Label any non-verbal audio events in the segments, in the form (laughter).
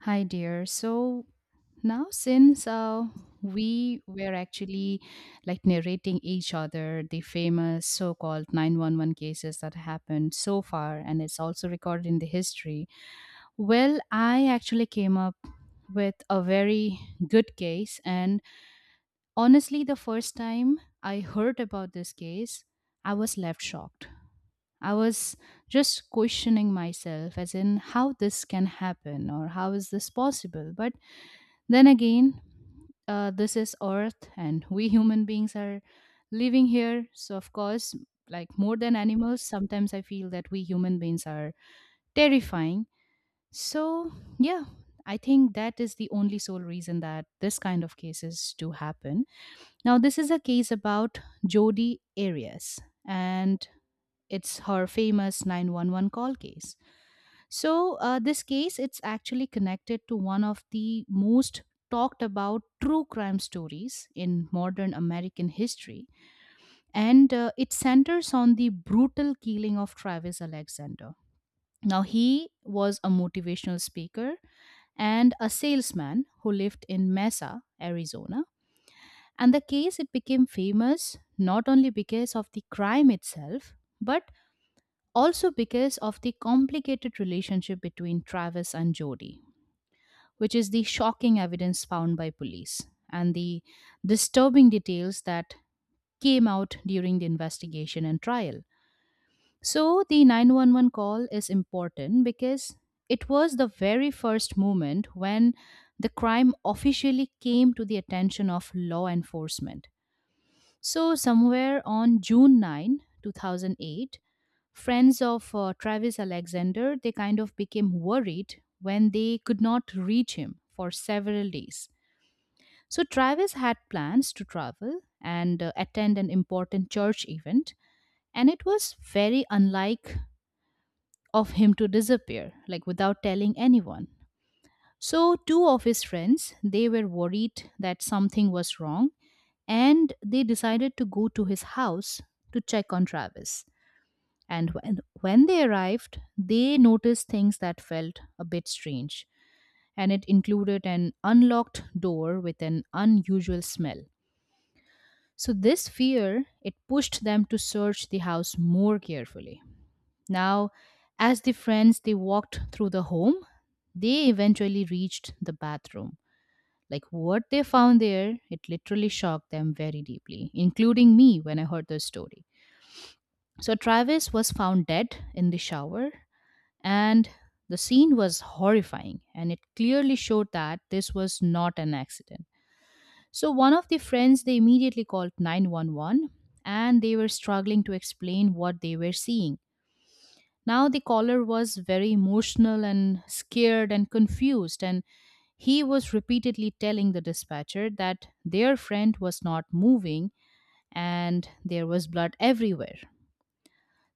Hi, dear. So now, since we were actually like narrating each other the famous so called 911 cases that happened so far, and it's also recorded in the history. Well, I actually came up with a very good case. And honestly, the first time I heard about this case, I was left shocked. I was just questioning myself as in how this can happen or how is this possible. But then again, this is Earth and we human beings are living here. So, of course, like more than animals, sometimes I feel that we human beings are terrifying. So, yeah, I think that is the only sole reason that this kind of cases do happen. Now, this is a case about Jodi Arias, and it's her famous 911 call case. So, this case it's actually connected to one of the most talked about true crime stories in modern American history, and it centers on the brutal killing of Travis Alexander. Now, he was a motivational speaker and a salesman who lived in Mesa, Arizona, and the case it became famous not only because of the crime itself, but also because of the complicated relationship between Travis and Jody, which is the shocking evidence found by police and the disturbing details that came out during the investigation and trial. So the 911 call is important because it was the very first moment when the crime officially came to the attention of law enforcement. So, somewhere on June 9, 2008, friends of Travis Alexander, they kind of became worried when they could not reach him for several days. So, Travis had plans to travel and attend an important church event, and it was very unlike of him to disappear like without telling anyone. So, two of his friends, they were worried that something was wrong and they decided to go to his house to check on Travis. And when they arrived, they noticed things that felt a bit strange, and it included an unlocked door with an unusual smell. So this fear, it pushed them to search the house more carefully. Now, as the friends they walked through the home, they eventually reached the bathroom, like what they found there, it literally shocked them very deeply, including me when I heard the story. So Travis was found dead in the shower, and the scene was horrifying, and it clearly showed that this was not an accident. So one of the friends they immediately called 911 and they were struggling to explain what they were seeing. Now the caller was very emotional and scared and confused, and he was repeatedly telling the dispatcher that their friend was not moving and there was blood everywhere.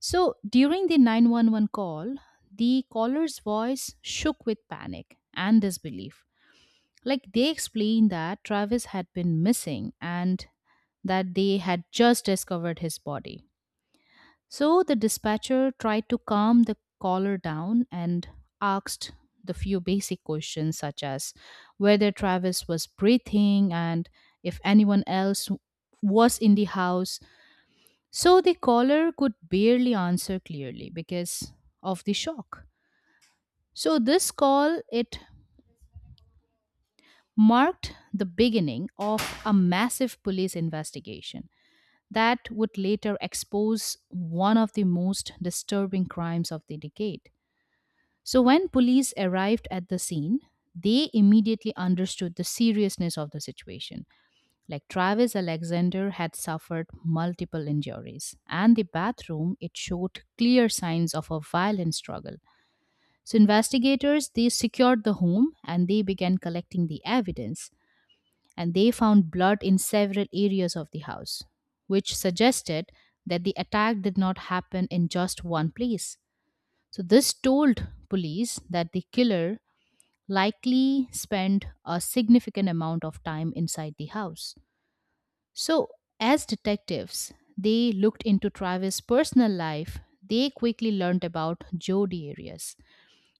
So during the 911 call, the caller's voice shook with panic and disbelief. Like they explained that Travis had been missing and that they had just discovered his body. So the dispatcher tried to calm the caller down and asked the few basic questions, such as whether Travis was breathing and if anyone else was in the house. So the caller could barely answer clearly because of the shock. So this call it marked the beginning of a massive police investigation that would later expose one of the most disturbing crimes of the decade. So, when police arrived at the scene, they immediately understood the seriousness of the situation. Like Travis Alexander had suffered multiple injuries, and the bathroom it showed clear signs of a violent struggle. So investigators they secured the home and they began collecting the evidence and they found blood in several areas of the house, which suggested that the attack did not happen in just one place. So this told police that the killer likely spend a significant amount of time inside the house. So, as detectives, they looked into Travis' personal life. They quickly learned about Jodi Arias.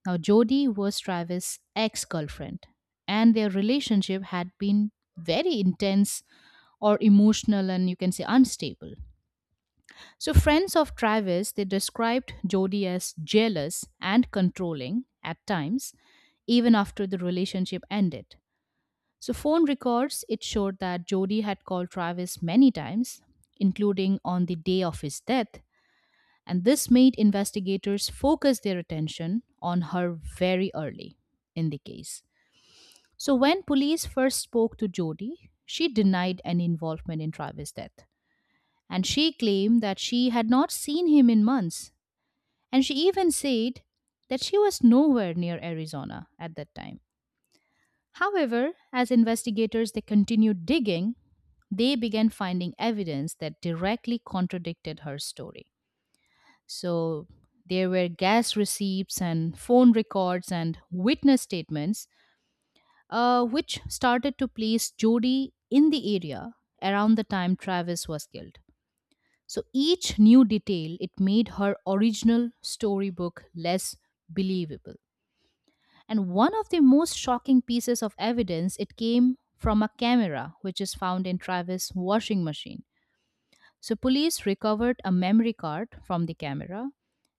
Now, Jodi was Travis' ex girlfriend, and their relationship had been very intense or emotional and you can say unstable. So friends of Travis they described Jodi as jealous and controlling at times even after the relationship ended. So, phone records, it showed that Jody had called Travis many times, including on the day of his death, and this made investigators focus their attention on her very early in the case. So, when police first spoke to Jody, she denied any involvement in Travis' death, and she claimed that she had not seen him in months. And she even said that she was nowhere near Arizona at that time. However, as investigators they continued digging, they began finding evidence that directly contradicted her story. So there were gas receipts and phone records and witness statements, which started to place Jody in the area around the time Travis was killed. So each new detail it made her original storybook less believable. And one of the most shocking pieces of evidence, it came from a camera which is found in Travis' washing machine. So police recovered a memory card from the camera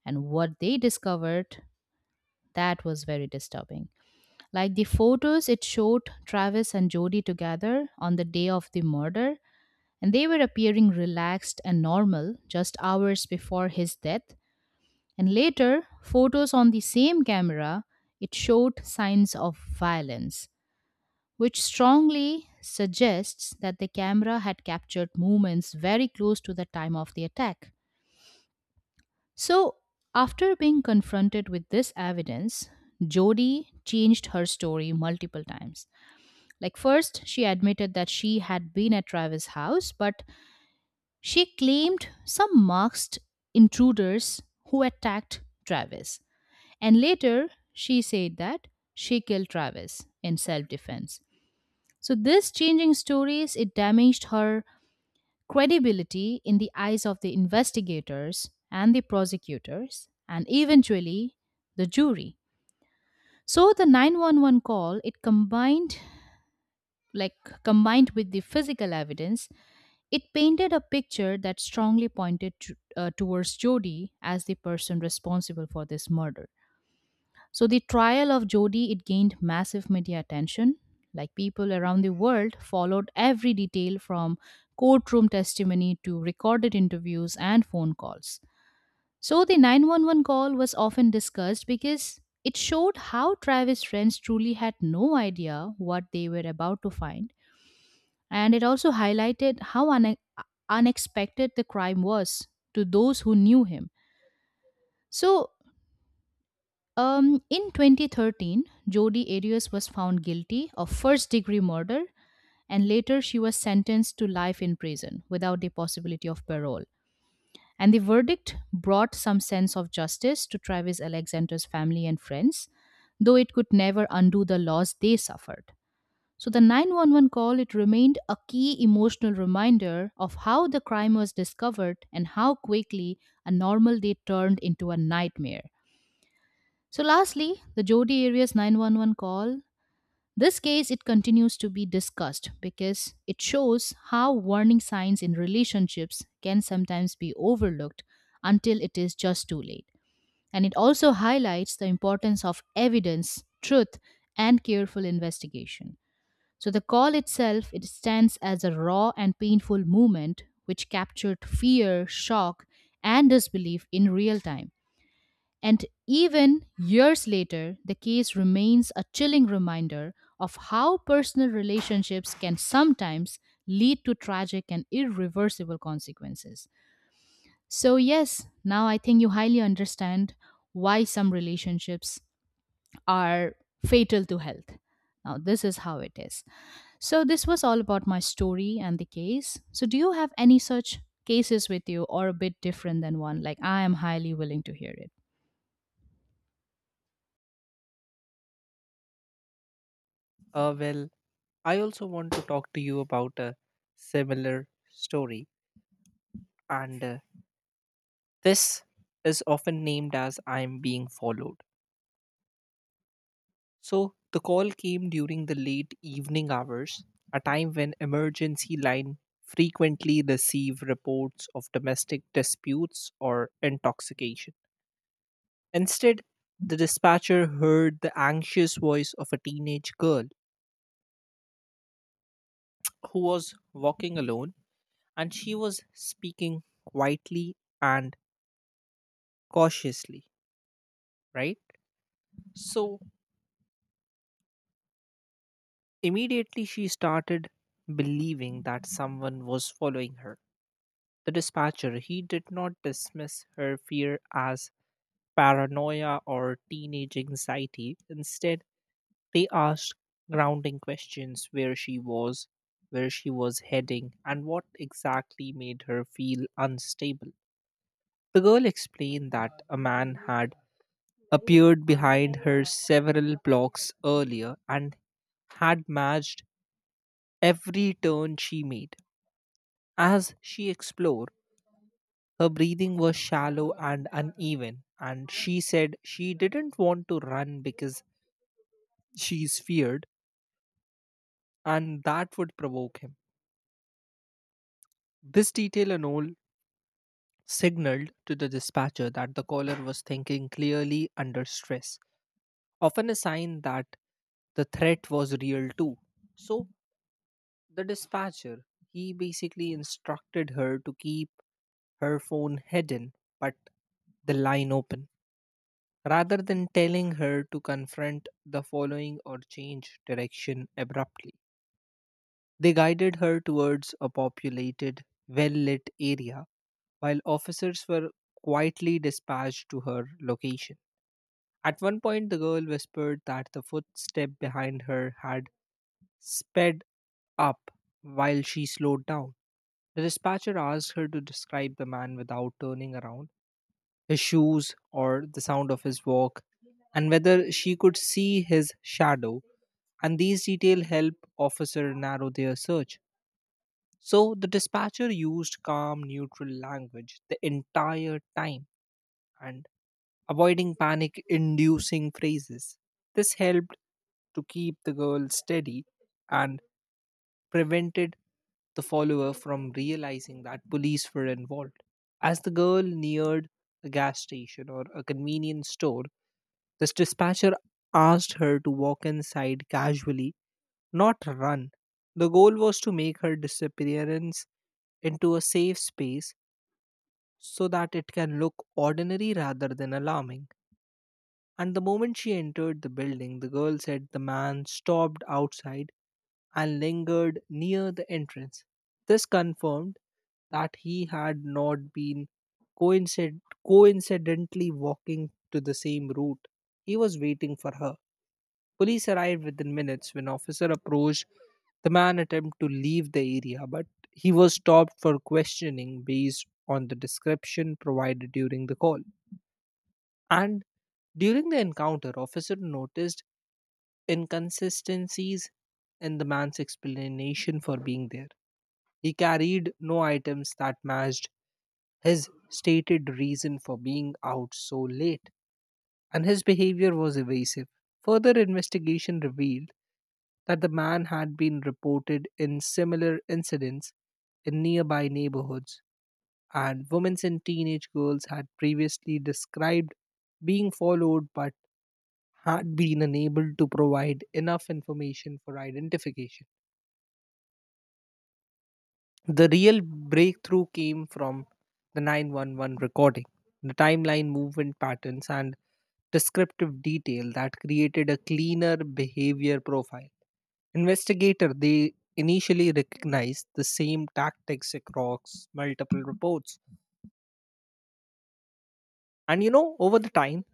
and what they discovered that was very disturbing. Like the photos it showed Travis and Jody together on the day of the murder and they were appearing relaxed and normal just hours before his death. And later, photos on the same camera it showed signs of violence which strongly suggests that the camera had captured movements very close to the time of the attack. So, after being confronted with this evidence, Jodi changed her story multiple times. Like, first, she admitted that she had been at Travis' house, but she claimed some masked intruders who attacked Travis. And later, she said that she killed Travis in self defense. So this changing stories it damaged her credibility in the eyes of the investigators and the prosecutors and eventually the jury. So the 911 call it combined, like combined with the physical evidence, it painted a picture that strongly pointed to, towards Jody as the person responsible for this murder. So the trial of Jodi it gained massive media attention. Like people around the world followed every detail from courtroom testimony to recorded interviews and phone calls. So the 911 call was often discussed because it showed how Travis friends truly had no idea what they were about to find, and it also highlighted how unexpected the crime was to those who knew him. So in 2013, Jodi Arias was found guilty of first degree murder, and later she was sentenced to life in prison without the possibility of parole. And the verdict brought some sense of justice to Travis Alexander's family and friends, though it could never undo the loss they suffered. So the 911 call it remained a key emotional reminder of how the crime was discovered and how quickly a normal day turned into a nightmare. So lastly, the Jodi area's 911 call. This case it continues to be discussed because it shows how warning signs in relationships can sometimes be overlooked until it is just too late. And it also highlights the importance of evidence, truth, and careful investigation. So the call itself it stands as a raw and painful moment which captured fear, shock, and disbelief in real time, and even years later, the case remains a chilling reminder of how personal relationships can sometimes lead to tragic and irreversible consequences. So, yes, now I think you highly understand why some relationships are fatal to health. Now, this is how it is. So, this was all about my story and the case. So, do you have any such cases with you or a bit different than one? Like, I am highly willing to hear it. Uh, well, I also want to talk to you about a similar story, and this is often named as I'm being followed. So, the call came during the late evening hours, a time when emergency line frequently receive reports of domestic disputes or intoxication. Instead, the dispatcher heard the anxious voice of a teenage girl who was walking alone and she was speaking quietly and cautiously, right? So immediately she started believing that someone was following her. The dispatcher, he did not dismiss her fear as paranoia or teenage anxiety. Instead, they asked grounding questions where she was heading, and what exactly made her feel unstable. The girl explained that a man had appeared behind her several blocks earlier and had matched every turn she made. As she explored, her breathing was shallow and uneven, and she said she didn't want to run because she's feared and that would provoke him. This detail alone signaled to the dispatcher that the caller was thinking clearly under stress, often a sign that the threat was real too. So the dispatcher, he basically instructed her to keep her phone hidden but the line open rather than telling her to confront the following or change direction abruptly. They guided her towards a populated, well lit area while officers were quietly dispatched to her location. At one point, the girl whispered that the footstep behind her had sped up while she slowed down. The dispatcher asked her to describe the man without turning around, his shoes or the sound of his walk, and whether she could see his shadow, and these details help officer narrow their search. So the dispatcher used calm, neutral language the entire time and avoiding panic inducing phrases. This helped to keep the girl steady and prevented the follower from realizing that police were involved. As the girl neared a gas station or a convenience store, this dispatcher asked her to walk inside casually, not run. The goal was to make her disappearance into a safe space so that it can look ordinary rather than alarming. And the moment she entered the building, the girl said the man stopped outside and lingered near the entrance. This confirmed that he had not been coincid- coincidentally walking to the same route. He was waiting for her. Police arrived within minutes when officer approached. The man attempted to leave the area, but he was stopped for questioning based on the description provided during the call. And during the encounter, officer noticed inconsistencies in the man's explanation for being there. He carried no items that matched his stated reason for being out so late, and his behavior was evasive. Further investigation revealed that the man had been reported in similar incidents in nearby neighborhoods, and women and teenage girls had previously described being followed but had been unable to provide enough information for identification. The real breakthrough came from the 911 recording, the timeline movement patterns, and descriptive detail that created a cleaner behavior profile. Investigator they initially recognized the same tactics across multiple reports. And you know, over the time,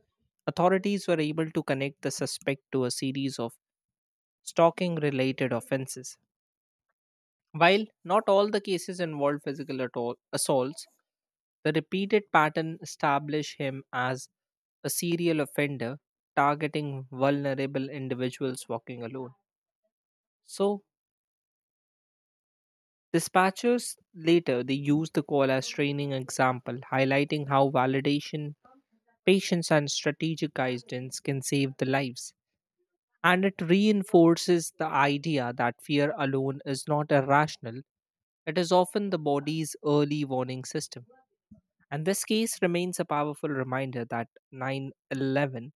authorities were able to connect the suspect to a series of stalking related offenses. While not all the cases involved physical assaults, the repeated pattern established him as a serial offender targeting vulnerable individuals walking alone. So, dispatchers later they used the call as training example, highlighting how validation, patience, and strategic guidance can save the lives. And it reinforces the idea that fear alone is not irrational. It is often the body's early warning system. And this case remains a powerful reminder that 911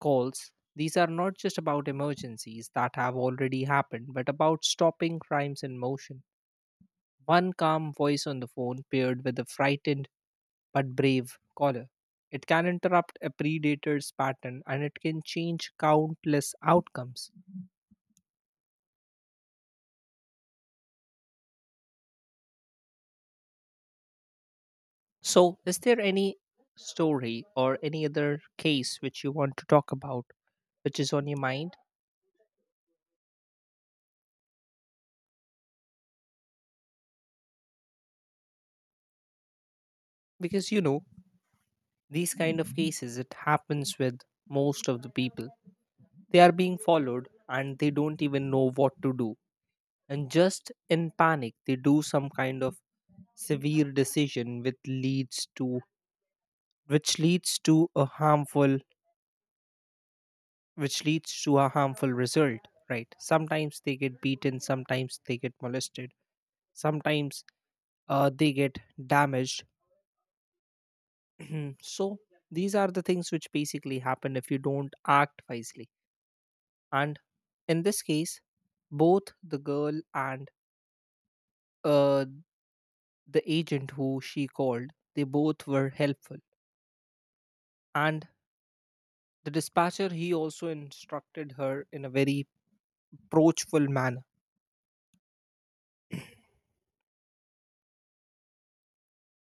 calls, these are not just about emergencies that have already happened, but about stopping crimes in motion. One calm voice on the phone paired with a frightened but brave caller. It can interrupt a predator's pattern and it can change countless outcomes. So, is there any story or any other case which you want to talk about which is on your mind? Because you know, these kind of cases it happens with most of the people. They are being followed and they don't even know what to do. And just in panic, they do some kind of severe decision which leads to a harmful which leads to a harmful result, right? Sometimes they get beaten, sometimes they get molested, sometimes they get damaged. (clears throat) So these are the things which basically happen if you don't act wisely, and in this case both the girl and uh, the agent who she called, they both were helpful, and the dispatcher he also instructed her in a very reproachful manner.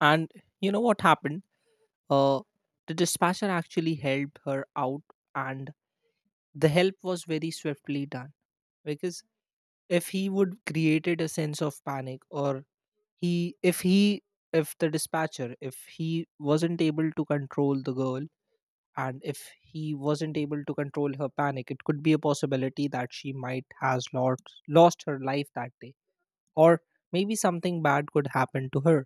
And you know what happened? Uh, the dispatcher actually helped her out, and the help was very swiftly done. Because if he would created a sense of panic, or he, if he, if the dispatcher, if he wasn't able to control the girl, and if he wasn't able to control her panic, it could be a possibility that she might has lost her life that day, or maybe something bad could happen to her.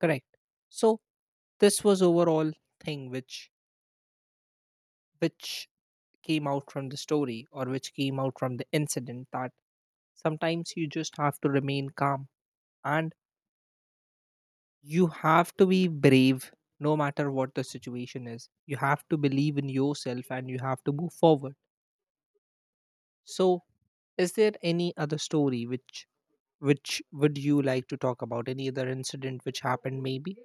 Correct. So this was overall thing which came out from the story or which came out from the incident that sometimes you just have to remain calm and you have to be brave no matter what the situation is. You have to believe in yourself and you have to move forward. So is there any other story which would you like to talk about, any other incident which happened maybe?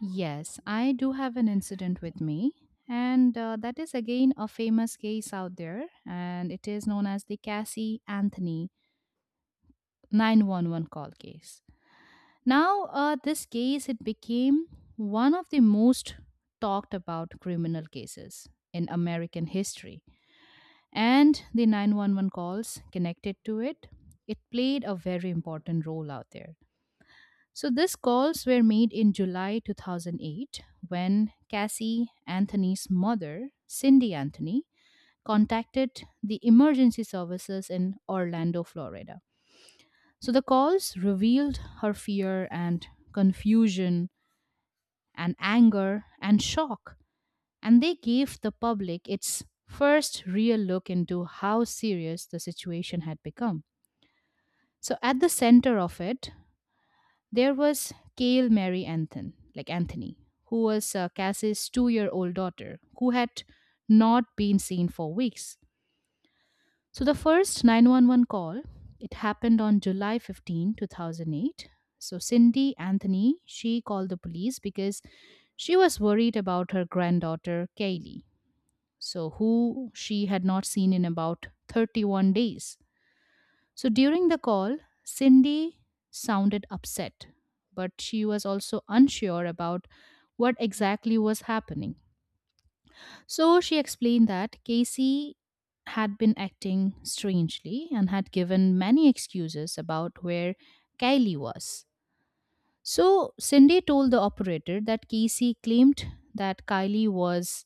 Yes, I do have an incident with me, and that is again a famous case out there, and it is known as the Cassie Anthony 911 call case. Now, this case it became one of the most talked about criminal cases in American history, and the 911 calls connected to it, it played a very important role out there. So these calls were made in July 2008 when Cassie Anthony's mother, Cindy Anthony, contacted the emergency services in Orlando, Florida. So the calls revealed her fear and confusion and anger and shock, and they gave the public its first real look into how serious the situation had become. So, at the center of it there was Cale Mary Anthon, like Anthony, who was Cass's 2-year old daughter, who had not been seen for weeks. So the first 911 call, it happened on July 15, two 2008. So Cindy Anthony, she called the police because she was worried about her granddaughter Kaylee, so who she had not seen in about 31 days. So during the call, Cindy sounded upset, but she was also unsure about what exactly was happening. So she explained that Casey had been acting strangely and had given many excuses about where Kylie was. So Cindy told the operator that Casey claimed that Kylie was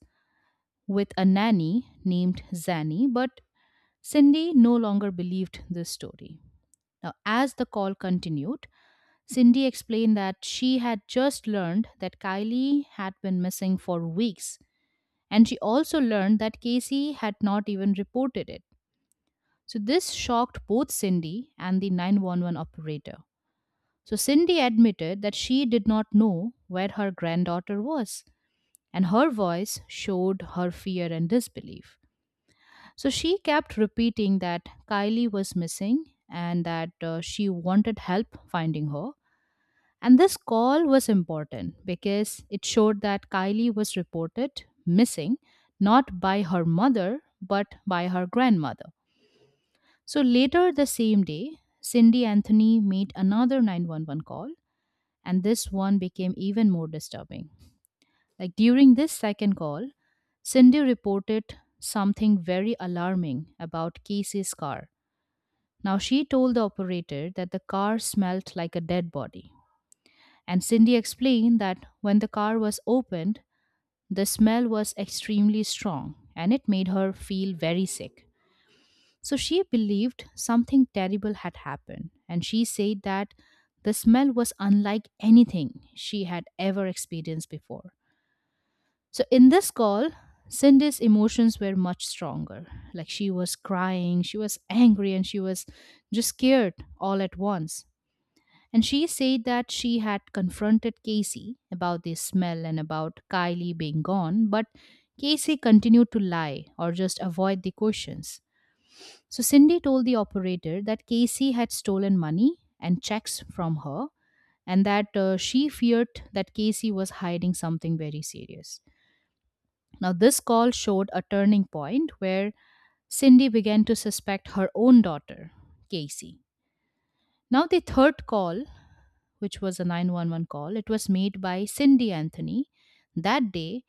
with a nanny named Zanny, but Cindy no longer believed this story. Now, as the call continued, Cindy explained that she had just learned that Kylie had been missing for weeks, and she also learned that Casey had not even reported it. So, this shocked both Cindy and the 911 operator. So, Cindy admitted that she did not know where her granddaughter was, and her voice showed her fear and disbelief. So, she kept repeating that Kylie was missing and that she wanted help finding her. And this call was important because it showed that Kylie was reported missing not by her mother but by her grandmother. So later the same day, Cindy Anthony made another 911 call, and this one became even more disturbing. Like during this second call, Cindy reported something very alarming about Casey's car. Now, she told the operator that the car smelled like a dead body. And Cindy explained that when the car was opened, the smell was extremely strong and it made her feel very sick. So she believed something terrible had happened. And she said that the smell was unlike anything she had ever experienced before. So in this call, Cindy's emotions were much stronger. Like, she was crying, she was angry, and she was just scared all at once. And she said that she had confronted Casey about the smell and about Kylie being gone, but Casey continued to lie or just avoid the questions. So Cindy told the operator that Casey had stolen money and checks from her and that she feared that Casey was hiding something very serious. Now, this call showed a turning point where Cindy began to suspect her own daughter, Casey. Now, the third call, which was a 911 call, it was made by Cindy Anthony that day,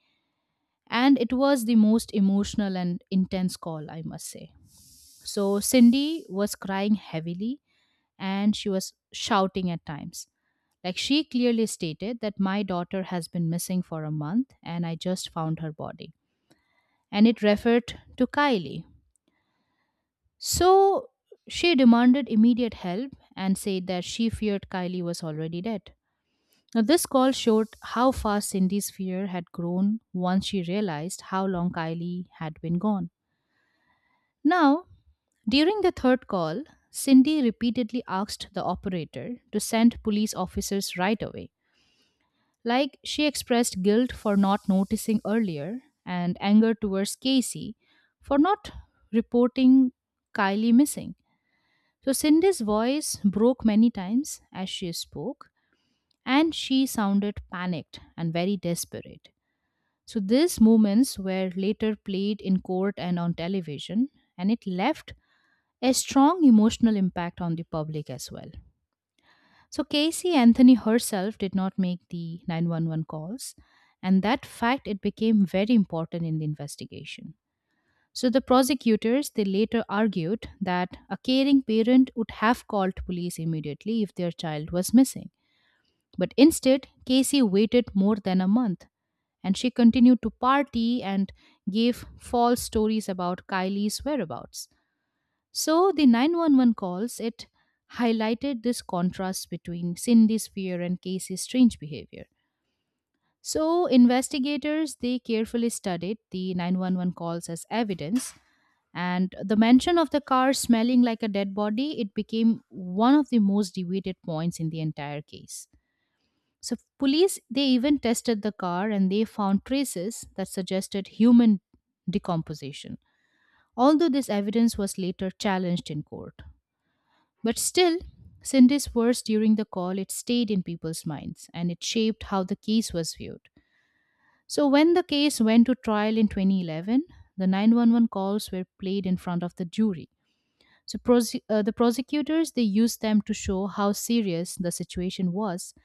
and it was the most emotional and intense call, I must say. So, Cindy was crying heavily and she was shouting at times. Like, she clearly stated that my daughter has been missing for a month and I just found her body. And it referred to Kylie. So, she demanded immediate help and said that she feared Kylie was already dead. Now, this call showed how fast Cindy's fear had grown once she realized how long Kylie had been gone. Now, during the third call, Cindy repeatedly asked the operator to send police officers right away. Like, she expressed guilt for not noticing earlier and anger towards Casey for not reporting Kylie missing. So, Cindy's voice broke many times as she spoke, and she sounded panicked and very desperate. So these movements were later played in court and on television, and it left a strong emotional impact on the public as well. So Casey Anthony herself did not make the 911 calls, and that fact, it became very important in the investigation. So the prosecutors they later argued that a caring parent would have called police immediately if their child was missing. But instead, Casey waited more than a month and she continued to party and gave false stories about Kylie's whereabouts. So the 911 calls, it highlighted this contrast between Cindy's fear and Casey's strange behavior. So investigators they carefully studied the 911 calls as evidence, and the mention of the car smelling like a dead body, it became one of the most debated points in the entire case. So police they even tested the car and they found traces that suggested human decomposition, although this evidence was later challenged in court. But still, Cindy's words during the call, it stayed in people's minds and it shaped how the case was viewed. So when the case went to trial in 2011, the 911 calls were played in front of the jury. So the prosecutors they used them to show how serious the situation was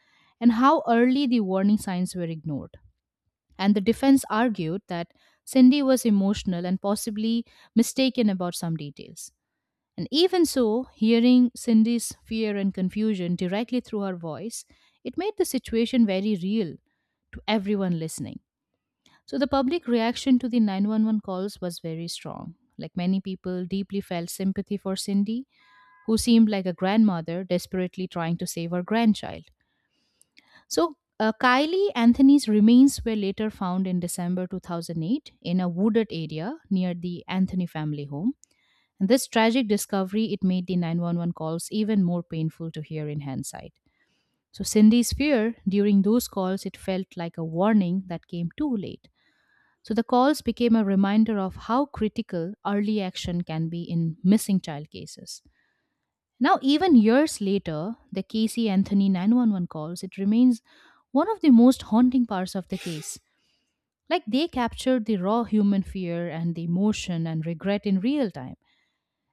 and how early the warning signs were ignored. And the defense argued that Cindy was emotional and possibly mistaken about some details. And even so, hearing Cindy's fear and confusion directly through her voice, it made the situation very real to everyone listening. So the public reaction to the 911 calls was very strong. Like, many people deeply felt sympathy for Cindy, who seemed like a grandmother desperately trying to save her grandchild. So, Kylie Anthony's remains were later found in December 2008 in a wooded area near the Anthony family home. And this tragic discovery, it made the 911 calls even more painful to hear in hindsight. So Cindy's fear during those calls, it felt like a warning that came too late. So the calls became a reminder of how critical early action can be in missing child cases. Now, even years later, the Casey Anthony 911 calls, it remains one of the most haunting parts of the case. Like, they captured the raw human fear and the emotion and regret in real time.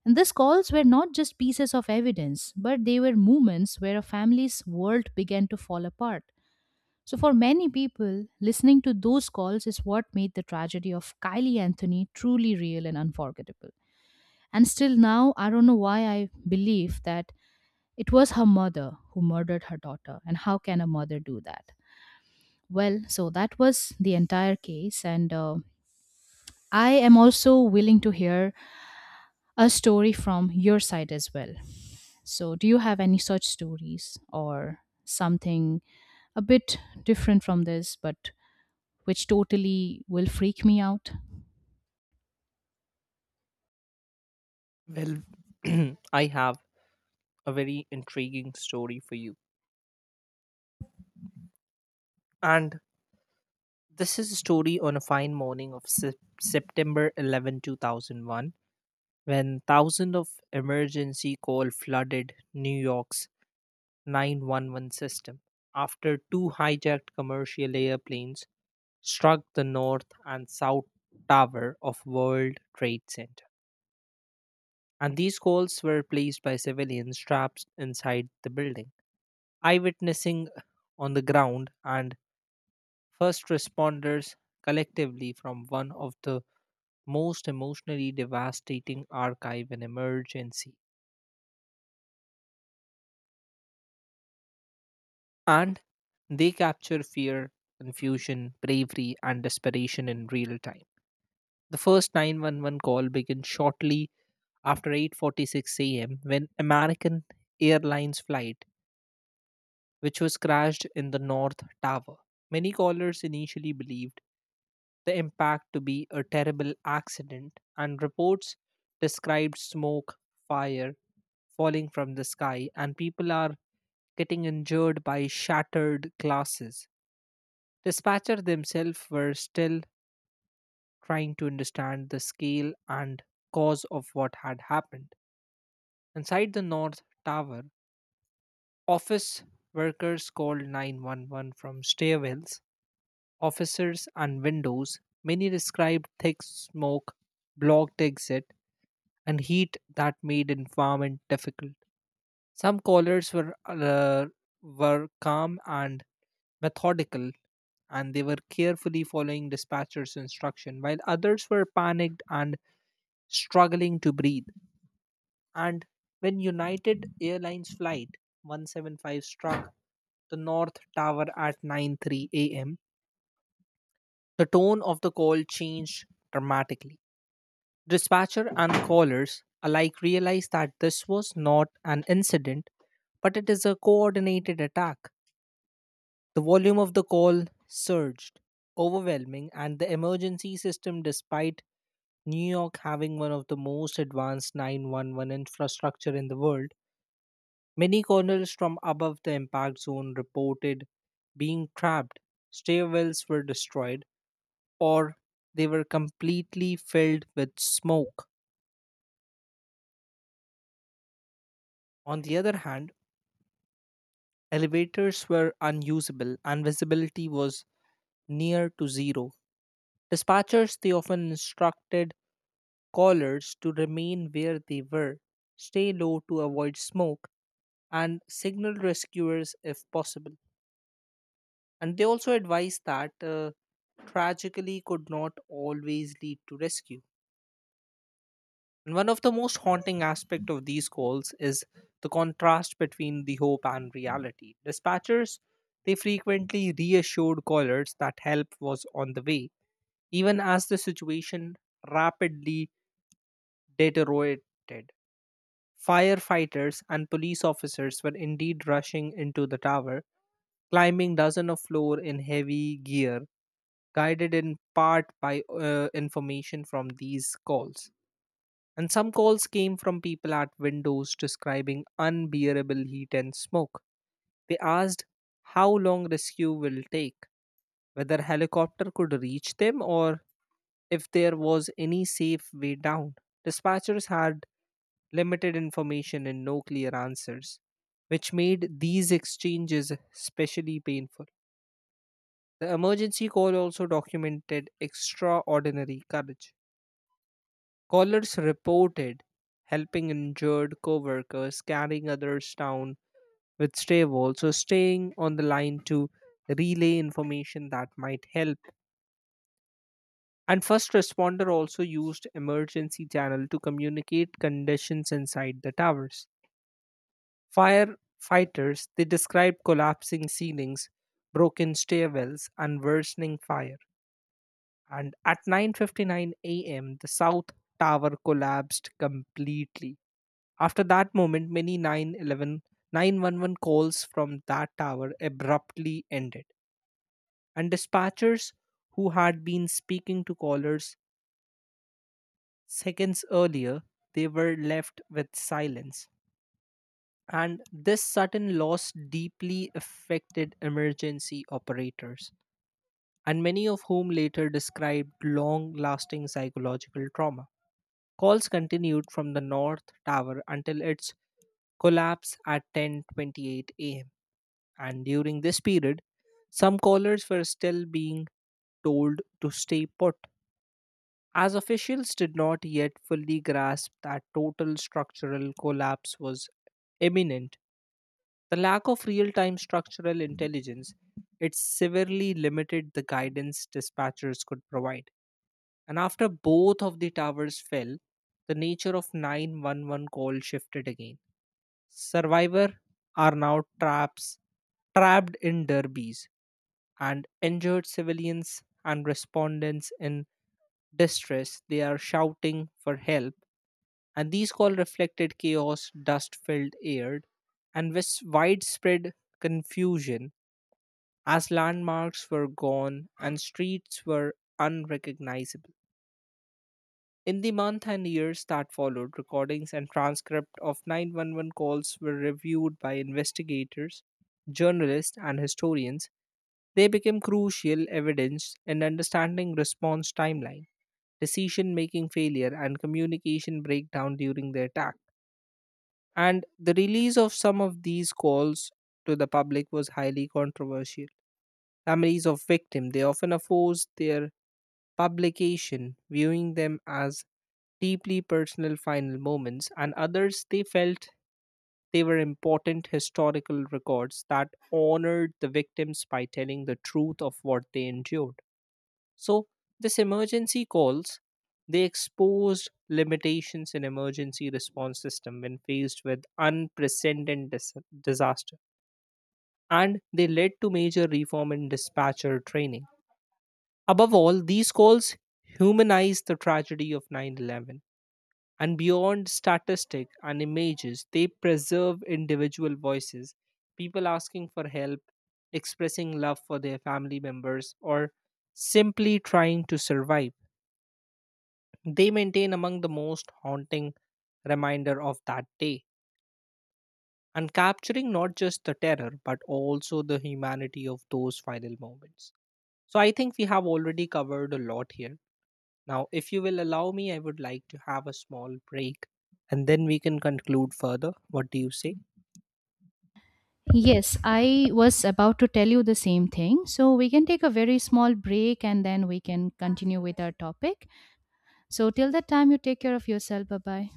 And these calls were not just pieces of evidence, but they were moments where a family's world began to fall apart. So, for many people, listening to those calls is what made the tragedy of Kylie Anthony truly real and unforgettable. And still now, I don't know why I believe that it was her mother who murdered her daughter, and how can a mother do that? Well, so that was the entire case, and I am also willing to hear a story from your side as well. So, do you have any such stories or something a bit different from this, but which totally will freak me out? Well, (clears throat) I have a very intriguing story for you, and this is a story on a fine morning of September 11, 2001, when thousands of emergency call flooded New York's 911 system after two hijacked commercial airplanes struck the north and south tower of World Trade Center. And these calls were placed by civilians trapped inside the building, eyewitnessing on the ground and first responders, collectively from one of the most emotionally devastating archive in emergency. And they capture fear, confusion, bravery, and desperation in real time. The first 911 call began shortly after 8:46 a.m. when American Airlines flight which was crashed in the North Tower. Many callers initially believed the impact to be a terrible accident and reports described smoke, fire, falling from the sky, and people are getting injured by shattered glasses. Dispatcher themselves were still trying to understand the scale and cause of what had happened. Inside the North Tower, office workers called 911 from stairwells, officers, and windows. Many described thick smoke, blocked exit, and heat that made environment difficult. Some callers were calm and methodical, and they were carefully following dispatcher's instruction, while others were panicked and struggling to breathe. And when United Airlines flight 175 struck the North Tower at nine three a.m., the tone of the call changed dramatically. Dispatcher and callers alike realized that this was not an incident, but it is a coordinated attack. The volume of the call surged, overwhelming, and the emergency system, despite New York having one of the most advanced 911 infrastructure in the world, many corners from above the impact zone reported being trapped. Stairwells were destroyed, or they were completely filled with smoke. On the other hand, elevators were unusable and visibility was near to zero. Dispatchers they often instructed callers to remain where they were, stay low to avoid smoke, and signal rescuers if possible. And they also advise that tragically could not always lead to rescue. And one of the most haunting aspect of these calls is the contrast between the hope and reality. Dispatchers they frequently reassured callers that help was on the way, even as the situation rapidly deteriorated. Firefighters and police officers were indeed rushing into the tower, climbing dozens of floors in heavy gear, guided in part by information from these calls. And some calls came from people at windows describing unbearable heat and smoke. They asked how long rescue will take, whether helicopter could reach them, or if there was any safe way down. Dispatchers had limited information, and no clear answers, which made these exchanges especially painful. The emergency call also documented extraordinary courage. Callers reported helping injured coworkers, carrying others down with stray walls, so staying on the line to relay information that might help. And first responder also used emergency channel to communicate conditions inside the towers. Firefighters they described collapsing ceilings, broken stairwells, and worsening fire. And at 9:59 a.m., the South Tower collapsed completely. After that moment, many 911 calls from that tower abruptly ended, and dispatchers who had been speaking to callers seconds earlier, they were left with silence. And this sudden loss deeply affected emergency operators, and many of whom later described long lasting psychological trauma. Calls continued from the North Tower until its collapse at 10:28 a.m. and during this period some callers were still being told to stay put as officials did not yet fully grasp that total structural collapse was imminent. The lack of real time structural intelligence, it severely limited the guidance dispatchers could provide. And after both of the towers fell, the nature of 911 call shifted again. Survivors are now traps, trapped in derbies, and injured civilians and respondents in distress. They are shouting for help, and these calls reflected chaos, dust filled air, and with widespread confusion as landmarks were gone and streets were unrecognizable. In the month and years that followed, recordings and transcript of 911 calls were reviewed by investigators, journalists, and historians. They became crucial evidence in understanding response timeline, decision making failure, and communication breakdown during the attack. And the release of some of these calls to the public was highly controversial. Families of victims, they often oppose their publication, viewing them as deeply personal final moments, and others they felt they were important historical records that honored the victims by telling the truth of what they endured. So, this emergency calls they exposed limitations in emergency response system when faced with unprecedented disaster, and they led to major reform in dispatcher training. Above all, these calls humanize the tragedy of 9/11. And beyond statistics and images, they preserve individual voices, people asking for help, expressing love for their family members, or simply trying to survive. They maintain among the most haunting reminder of that day and capturing not just the terror but also the humanity of those final moments. So I think we have already covered a lot here. Now, if you will allow me, I would like to have a small break and then we can conclude further. What do you say? Yes, I was about to tell you the same thing. So, we can take a very small break and then we can continue with our topic. So, till that time, you take care of yourself. Bye bye.